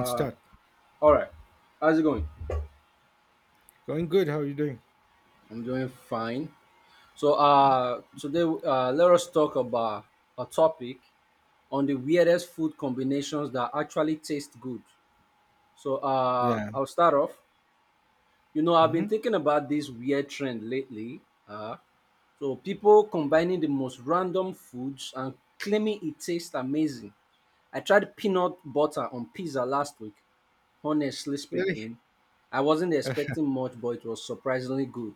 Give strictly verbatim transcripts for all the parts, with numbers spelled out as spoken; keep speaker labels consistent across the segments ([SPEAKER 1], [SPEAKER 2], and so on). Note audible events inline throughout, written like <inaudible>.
[SPEAKER 1] Uh,
[SPEAKER 2] Start.
[SPEAKER 1] all right. How's it going?
[SPEAKER 2] Going good. How are you doing?
[SPEAKER 1] I'm doing fine. So uh, today, uh, let us talk about a topic on the weirdest food combinations that actually taste good. So uh,
[SPEAKER 2] Yeah.
[SPEAKER 1] I'll start off. You know, I've
[SPEAKER 2] Hmm.
[SPEAKER 1] been thinking about this weird trend lately. Uh, so people combining the most random foods and claiming it tastes amazing. I tried peanut butter on pizza last week. Honestly
[SPEAKER 2] Really?
[SPEAKER 1] speaking, I wasn't
[SPEAKER 2] Uh,
[SPEAKER 1] expecting much, but it was surprisingly good.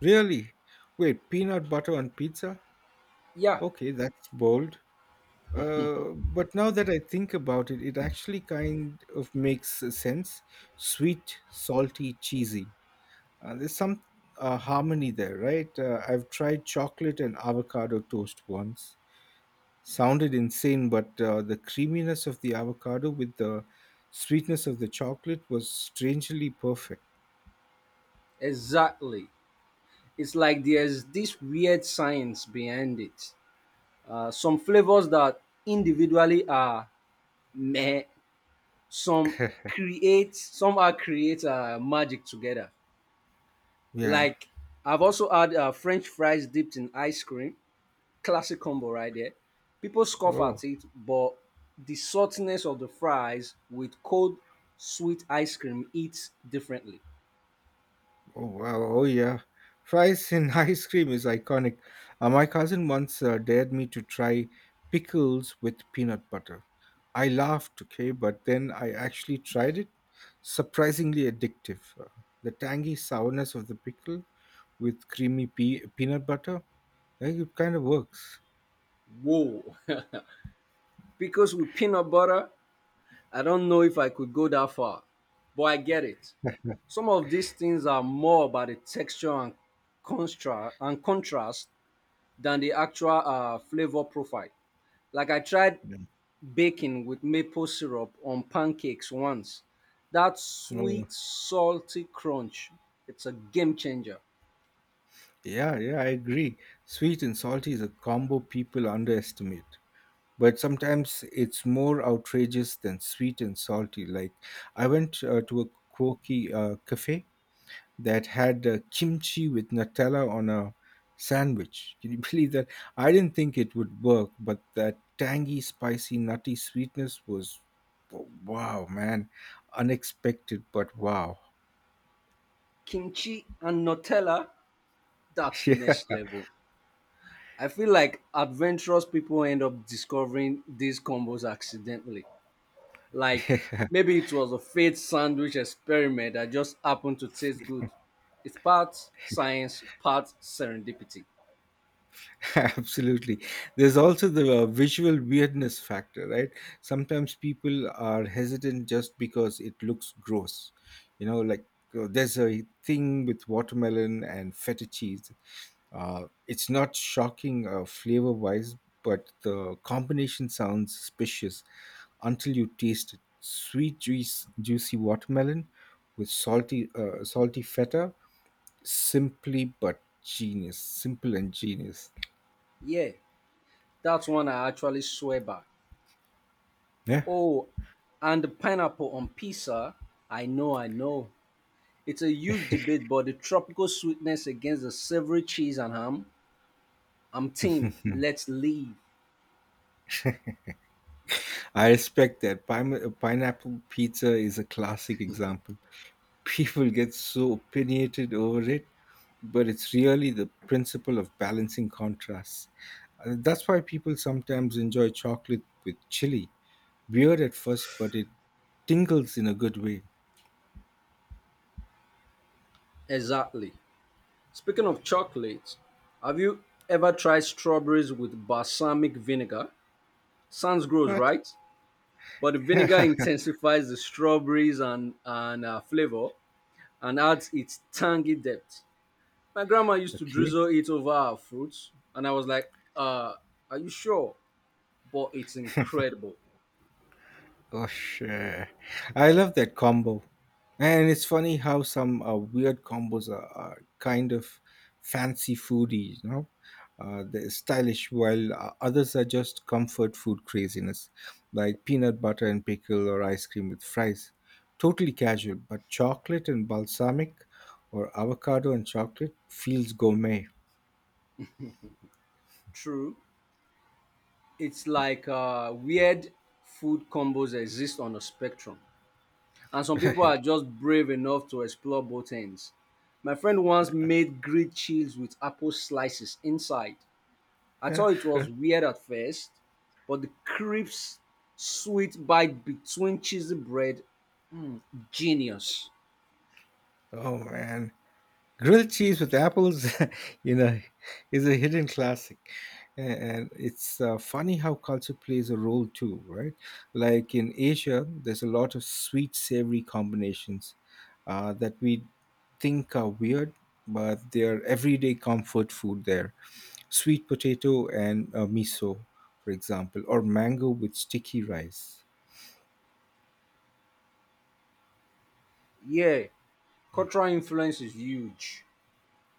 [SPEAKER 2] Really? Wait, peanut butter on pizza?
[SPEAKER 1] Yeah,
[SPEAKER 2] Okay, that's bold. Uh, but now that I think about it, it actually kind of makes sense. Sweet, salty, cheesy. Uh, there's some uh, harmony there, right? Uh, I've tried chocolate and avocado toast once. Sounded insane, but uh, the creaminess of the avocado with the sweetness of the chocolate was strangely perfect.
[SPEAKER 1] exactly. It's like there's this weird science behind it. Uh, some flavors that individually are meh, some create somehow create uh, magic together.
[SPEAKER 2] Yeah.
[SPEAKER 1] Like I've also had uh, French fries dipped in ice cream, classic combo right there. People scoff
[SPEAKER 2] Oh,
[SPEAKER 1] at it, but the saltiness of the fries with cold sweet ice cream eats differently.
[SPEAKER 2] oh wow, oh yeah. Fries in <laughs> ice cream is iconic. Uh, my cousin once uh, dared me to try pickles with peanut butter. I laughed, okay, but then I actually tried it. Surprisingly addictive. Uh, the tangy sourness of the pickle with creamy pea- peanut butter, I think it kind of works.
[SPEAKER 1] Whoa! <laughs> Because with peanut butter, I don't know if I could go that far, but I get it. Some of these things are more about the texture and contrast and contrast than the actual uh, flavor profile. Like I tried
[SPEAKER 2] Mm.
[SPEAKER 1] baking with maple syrup on pancakes once. That
[SPEAKER 2] Mm.
[SPEAKER 1] sweet, salty crunch, it's a game changer.
[SPEAKER 2] Yeah, yeah, I agree. Sweet and salty is a combo people underestimate, but sometimes it's more outrageous than sweet and salty. Like I went uh, to a quirky uh, cafe that had uh, kimchi with Nutella on a sandwich. Can you <laughs> believe that? I didn't think it would work, but that tangy, spicy, nutty sweetness was wow, man, unexpected, but wow.
[SPEAKER 1] Kimchi and Nutella, that's
[SPEAKER 2] <laughs>
[SPEAKER 1] next level. I feel like adventurous people end up discovering these combos accidentally. Like maybe it was a fate sandwich experiment that just happened to taste good. It's part science, part serendipity.
[SPEAKER 2] <laughs> Absolutely. There's also the uh, visual weirdness factor, right? Sometimes people are hesitant just because it looks gross. You know, like uh, there's a thing with watermelon and feta cheese. Uh, it's not shocking uh, flavor wise, but the combination sounds suspicious until you taste it. Sweet, juice, juicy watermelon with salty, uh, salty feta. Simply but genius. Simple and genius.
[SPEAKER 1] Yeah. That's one I actually swear by.
[SPEAKER 2] Yeah.
[SPEAKER 1] Oh, and the pineapple on pizza. I know, I know. It's a huge debate, but the tropical sweetness against the savory cheese and ham. I'm team. Let's leave.
[SPEAKER 2] I respect that. Pine- pineapple pizza is a classic example. <laughs> People get so opinionated over it, but it's really the principle of balancing contrasts. Uh, That's why people sometimes enjoy chocolate with chili. Weird at first, but it tingles in a good way.
[SPEAKER 1] Exactly. Speaking of chocolates, have you ever tried strawberries with balsamic vinegar? Sounds gross,
[SPEAKER 2] But
[SPEAKER 1] right? But the vinegar
[SPEAKER 2] <laughs>
[SPEAKER 1] intensifies the strawberries and and uh, flavor and adds its tangy depth. My grandma used to
[SPEAKER 2] okay.
[SPEAKER 1] drizzle it over her fruits, and I was like, uh, are you sure? But it's incredible.
[SPEAKER 2] Gosh, uh, I love that combo. And it's funny how some uh, weird combos are, are kind of fancy foodies, you know? Uh, they're stylish, while uh, others are just comfort food craziness, like peanut butter and pickle or ice cream with fries. Totally casual, but chocolate and balsamic or avocado and chocolate feels gourmet.
[SPEAKER 1] True. It's like uh, weird food combos exist on a spectrum, and some
[SPEAKER 2] <laughs>
[SPEAKER 1] people
[SPEAKER 2] Right.
[SPEAKER 1] are just brave enough to explore both ends. My friend once made grilled cheese with apple slices inside. I
[SPEAKER 2] Yeah.
[SPEAKER 1] thought it was weird at first, but the crisp, sweet bite between cheesy bread, genius.
[SPEAKER 2] Oh man. Grilled cheese with apples, <laughs> you know, is a hidden classic. A- And it's uh, funny how culture plays a role too, right? Like in Asia, there's a lot of sweet, savory combinations uh, that we think are weird, but they're everyday comfort food there. Sweet potato and uh, miso, for example, or mango with sticky rice.
[SPEAKER 1] Yeah. Cultural influence is huge.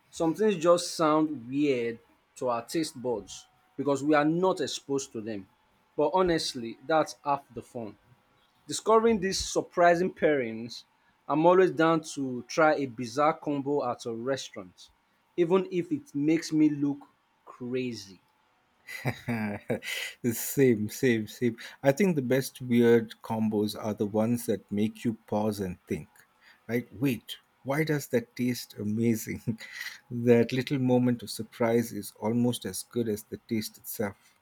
[SPEAKER 1] Some things just sound weird to our taste buds because we are not exposed to them. But honestly, that's half the fun. Discovering these surprising pairings, I'm always down to try a bizarre combo at a restaurant, even if it makes me look crazy.
[SPEAKER 2] <laughs> same, same, Same. I think the best weird combos are the ones that make you pause and think, right? Wait, why does that taste amazing? <laughs> That little moment of surprise is almost as good as the taste itself.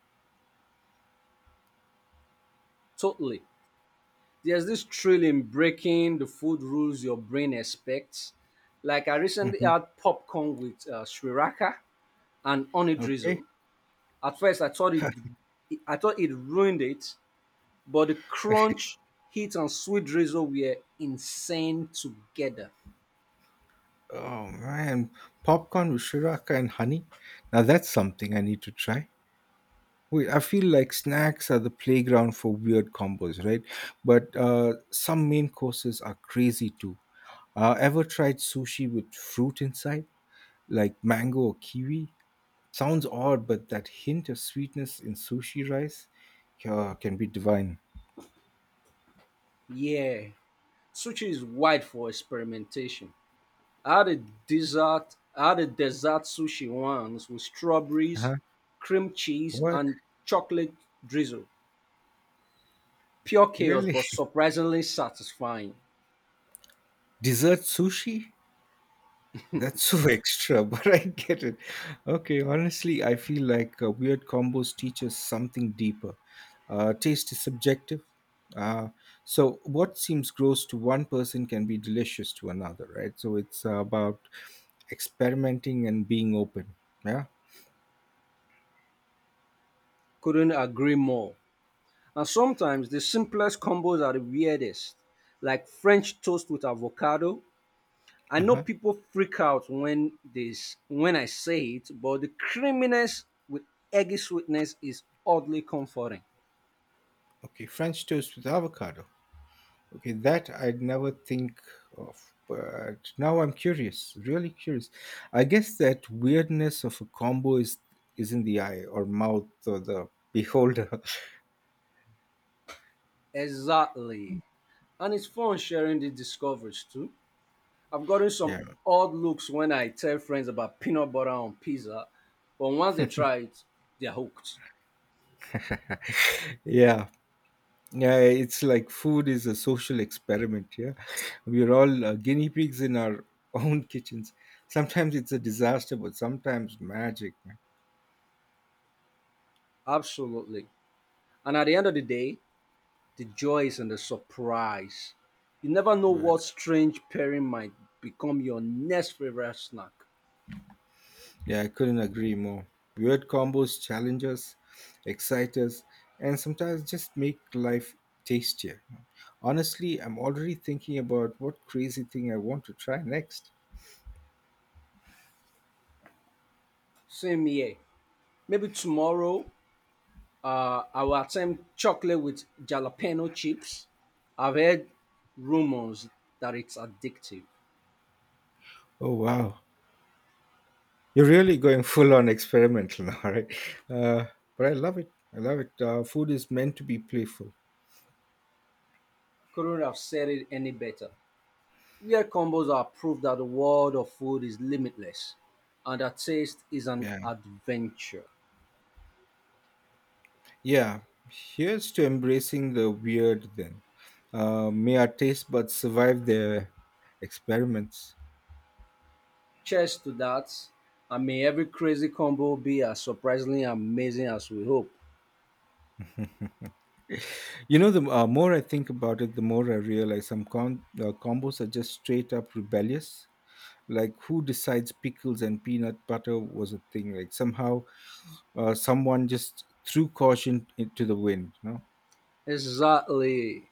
[SPEAKER 1] Totally. There's this thrill in breaking the food rules your brain expects. Like I recently
[SPEAKER 2] Hmm.
[SPEAKER 1] had popcorn with uh, sriracha and honey
[SPEAKER 2] Okay.
[SPEAKER 1] drizzle. At first, I thought it, I thought it ruined it, but the
[SPEAKER 2] <laughs>
[SPEAKER 1] crunch, heat, and sweet drizzle were insane together.
[SPEAKER 2] Oh man, popcorn with shiraka and honey. Now that's something I need to try. Wait, I feel like snacks are the playground for weird combos, right? But uh, some main courses are crazy too. Uh, ever tried sushi with fruit inside, like mango or kiwi? Sounds odd, but that hint of sweetness in sushi rice uh, can be divine.
[SPEAKER 1] Yeah, sushi is wide for experimentation. I had a dessert, I had a dessert sushi once with strawberries,
[SPEAKER 2] Uh-huh.
[SPEAKER 1] cream cheese,
[SPEAKER 2] What?
[SPEAKER 1] and chocolate drizzle. Pure chaos,
[SPEAKER 2] Really?
[SPEAKER 1] but surprisingly satisfying.
[SPEAKER 2] <laughs> Dessert sushi? That's so <laughs> extra, but I get it. Okay, honestly, I feel like uh, weird combos teach us something deeper. Uh, taste is subjective. Uh, so, what seems gross to one person can be delicious to another, right? So, it's uh, about experimenting and being open. Yeah.
[SPEAKER 1] Couldn't agree more. And sometimes the simplest combos are the weirdest, like French toast with avocado. I
[SPEAKER 2] Uh
[SPEAKER 1] know
[SPEAKER 2] huh.
[SPEAKER 1] people freak out when this when I say it, but the creaminess with eggy sweetness is oddly comforting.
[SPEAKER 2] Okay, French toast with avocado. Okay, that I'd never think of, but now I'm curious, really curious. I guess that weirdness of a combo is is in the eye or mouth or the beholder.
[SPEAKER 1] Exactly. And it's fun sharing the discoveries too. I've gotten
[SPEAKER 2] <laughs>
[SPEAKER 1] some
[SPEAKER 2] Yeah,
[SPEAKER 1] odd looks when I tell friends about peanut butter on pizza, but once they try it, they're hooked.
[SPEAKER 2] yeah, yeah. It's like food is a social experiment. Yeah, we're all uh, guinea pigs in our <laughs> own kitchens. Sometimes it's a disaster, but sometimes magic,
[SPEAKER 1] Absolutely. And at the end of the day, the joy is in the surprise. You never know
[SPEAKER 2] man.
[SPEAKER 1] what strange pairing might become your next favorite snack.
[SPEAKER 2] Yeah, I couldn't agree more. Weird combos challenge us, excite us, and sometimes just make life tastier. Honestly, I'm already thinking about what crazy thing I want to try next.
[SPEAKER 1] Same here. Maybe tomorrow uh, I will attempt chocolate with jalapeno chips. I've heard rumors that it's addictive.
[SPEAKER 2] Oh, wow. You're really going full on experimental now, <laughs> right? Uh, but I love it. I love it. Uh, food is meant to be playful.
[SPEAKER 1] Couldn't have said it any better. Weird combos are proof that the world of food is limitless and that taste is an
[SPEAKER 2] Yeah.
[SPEAKER 1] adventure.
[SPEAKER 2] Yeah. Here's to embracing the weird then. Uh, may our taste buds survive their experiments.
[SPEAKER 1] Cheers to that. And may every crazy combo be as surprisingly amazing as we hope.
[SPEAKER 2] You know, the uh, more I think about it, the more I realize some com- uh, combos are just straight up rebellious. Like, who decides pickles and peanut butter was a thing? Like, somehow uh, someone just threw caution into the wind, no?
[SPEAKER 1] Exactly.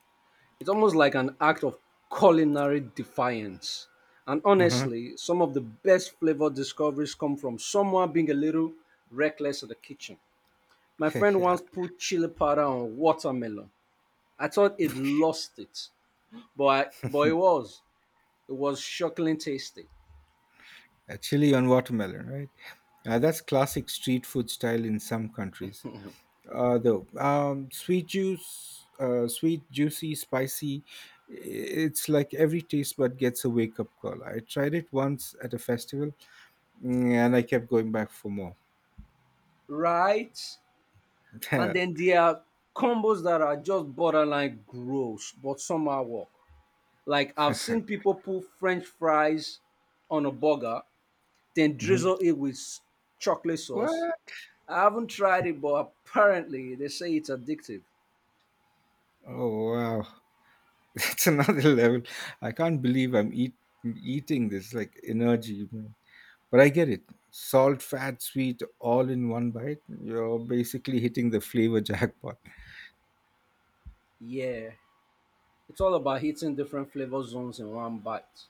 [SPEAKER 1] It's almost like an act of culinary defiance. And
[SPEAKER 2] uh
[SPEAKER 1] honestly, some of the best flavor discoveries come from someone being a little reckless in the kitchen. My
[SPEAKER 2] <laughs>
[SPEAKER 1] friend
[SPEAKER 2] yeah.
[SPEAKER 1] once put chili powder on watermelon. I thought it lost it, but I, but it was it was shockingly tasty,
[SPEAKER 2] Uh, Chili on watermelon, right? Uh, that's classic street food style in some countries. Uh, though, um, sweet juice, uh, sweet, juicy, spicy, it's like every taste bud gets a wake up call. I tried it once at a festival. Mm. And I kept going back for more.
[SPEAKER 1] right?
[SPEAKER 2] <laughs>
[SPEAKER 1] And then there are combos that are just borderline gross, but somehow work. Like I've seen people put French fries on a burger then
[SPEAKER 2] Mhm.
[SPEAKER 1] drizzle it with s- chocolate sauce.
[SPEAKER 2] What?
[SPEAKER 1] I haven't tried it, but apparently they say it's addictive.
[SPEAKER 2] Oh, wow. <laughs> That's another level. I can't believe I'm eat, eating this like energy, man. But I get it. Salt, fat, sweet, all in one bite. You're basically hitting the flavor <laughs> jackpot.
[SPEAKER 1] Yeah, it's all about hitting different flavor zones in one bite.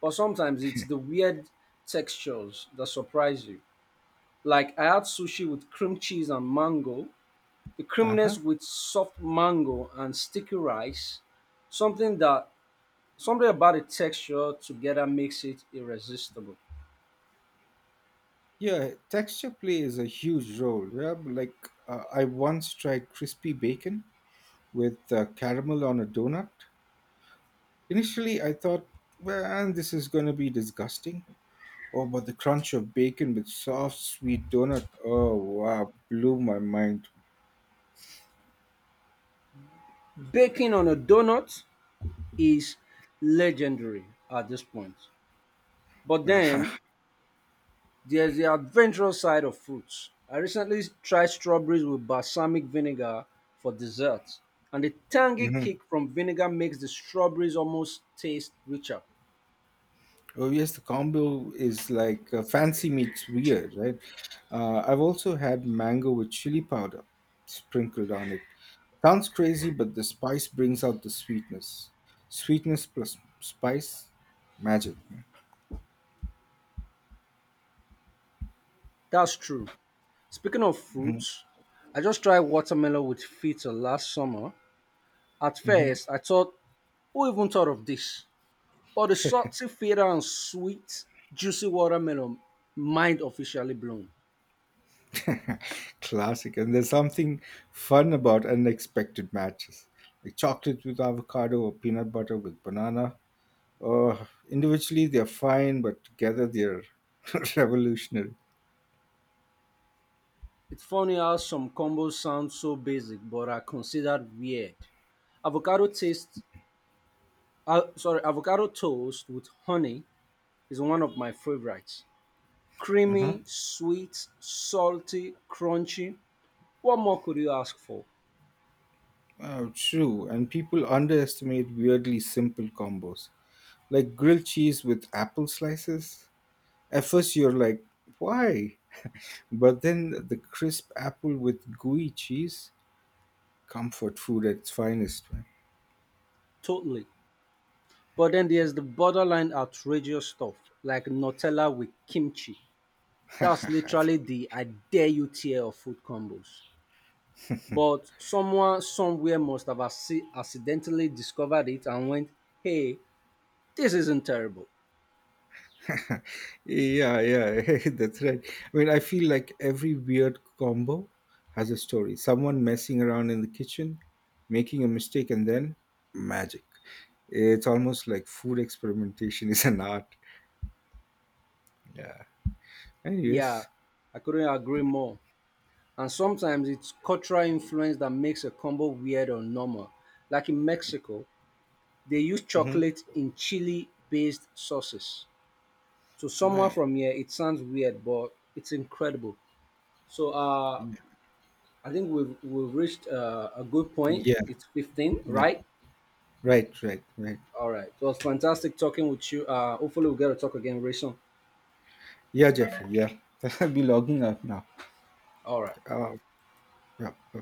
[SPEAKER 1] But sometimes it's the weird textures that surprise you. Like I had sushi with cream cheese and mango, the
[SPEAKER 2] Uh huh.
[SPEAKER 1] creaminess with soft mango and sticky rice. Something that Something about the texture together makes it irresistible.
[SPEAKER 2] Yeah, texture plays a huge role. Yeah, but like uh, I once tried crispy bacon with uh, caramel on a donut. Initially, I thought, well, this is going to be disgusting. Oh, but the crunch of bacon with soft, sweet donut. Oh, wow, blew my mind. <laughs>
[SPEAKER 1] Baking on a donut is legendary at this point. But then there's the adventurous side of fruits. I recently tried strawberries with balsamic vinegar for dessert, and the tangy
[SPEAKER 2] Mhm.
[SPEAKER 1] kick from vinegar makes the strawberries almost taste richer.
[SPEAKER 2] Oh, yes, the combo is like uh, fancy meets weird, right? Uh, I've also had mango with chili powder sprinkled on it. Sounds crazy, but the spice brings out the sweetness. Sweetness plus spice, magic.
[SPEAKER 1] That's true. Speaking of
[SPEAKER 2] Mhm.
[SPEAKER 1] fruits, I just tried watermelon with feta last summer. At
[SPEAKER 2] Mhm.
[SPEAKER 1] first, I thought, who even thought of this? But the salty feta and sweet, juicy watermelon, mind officially blown.
[SPEAKER 2] <laughs> Classic. And there's something fun about unexpected matches, like chocolate with avocado or peanut butter with banana. Uh, Individually, they're fine, but together, they're <laughs> revolutionary.
[SPEAKER 1] It's funny how some combos sound so basic but are considered weird. Avocado taste, uh, sorry, avocado toast with honey is one of my favorites.
[SPEAKER 2] Uh-huh.
[SPEAKER 1] Creamy, sweet, salty, crunchy. What more could you ask for?
[SPEAKER 2] Oh, true. And people underestimate weirdly simple combos, like grilled cheese with apple slices. At first, you're like, why? But then the crisp apple with gooey cheese, comfort food at its finest, man.
[SPEAKER 1] Totally. But then there's the borderline outrageous stuff like Nutella with kimchi. That's literally
[SPEAKER 2] <laughs>
[SPEAKER 1] the I dare you tier of food combos. But someone somewhere must have acci- accidentally discovered it and went, hey, this isn't terrible.
[SPEAKER 2] Yeah, yeah, <laughs> that's right. I mean, I feel like every weird combo has a story. Someone messing around in the kitchen, making a mistake, and then magic. It's almost like food experimentation <laughs> is an art. Yeah.
[SPEAKER 1] Yeah,
[SPEAKER 2] Anyways.
[SPEAKER 1] I couldn't agree more. And sometimes it's cultural influence that makes a combo weird or normal. Like in Mexico, they use
[SPEAKER 2] Hmm.
[SPEAKER 1] chocolate in chili based sauces. To someone
[SPEAKER 2] Right.
[SPEAKER 1] from here, it sounds weird, but it's incredible. So uh,
[SPEAKER 2] Yeah.
[SPEAKER 1] I think we've, we've reached uh, a good point.
[SPEAKER 2] Yeah,
[SPEAKER 1] It's fifteen,
[SPEAKER 2] yeah.
[SPEAKER 1] right?
[SPEAKER 2] Right, right, right.
[SPEAKER 1] All right. It was fantastic talking with you. Uh, hopefully we'll get to talk again very soon.
[SPEAKER 2] Yeah, Jeffrey, yeah. <laughs> I'll be logging out now.
[SPEAKER 1] All right.
[SPEAKER 2] Uh, yeah, yeah.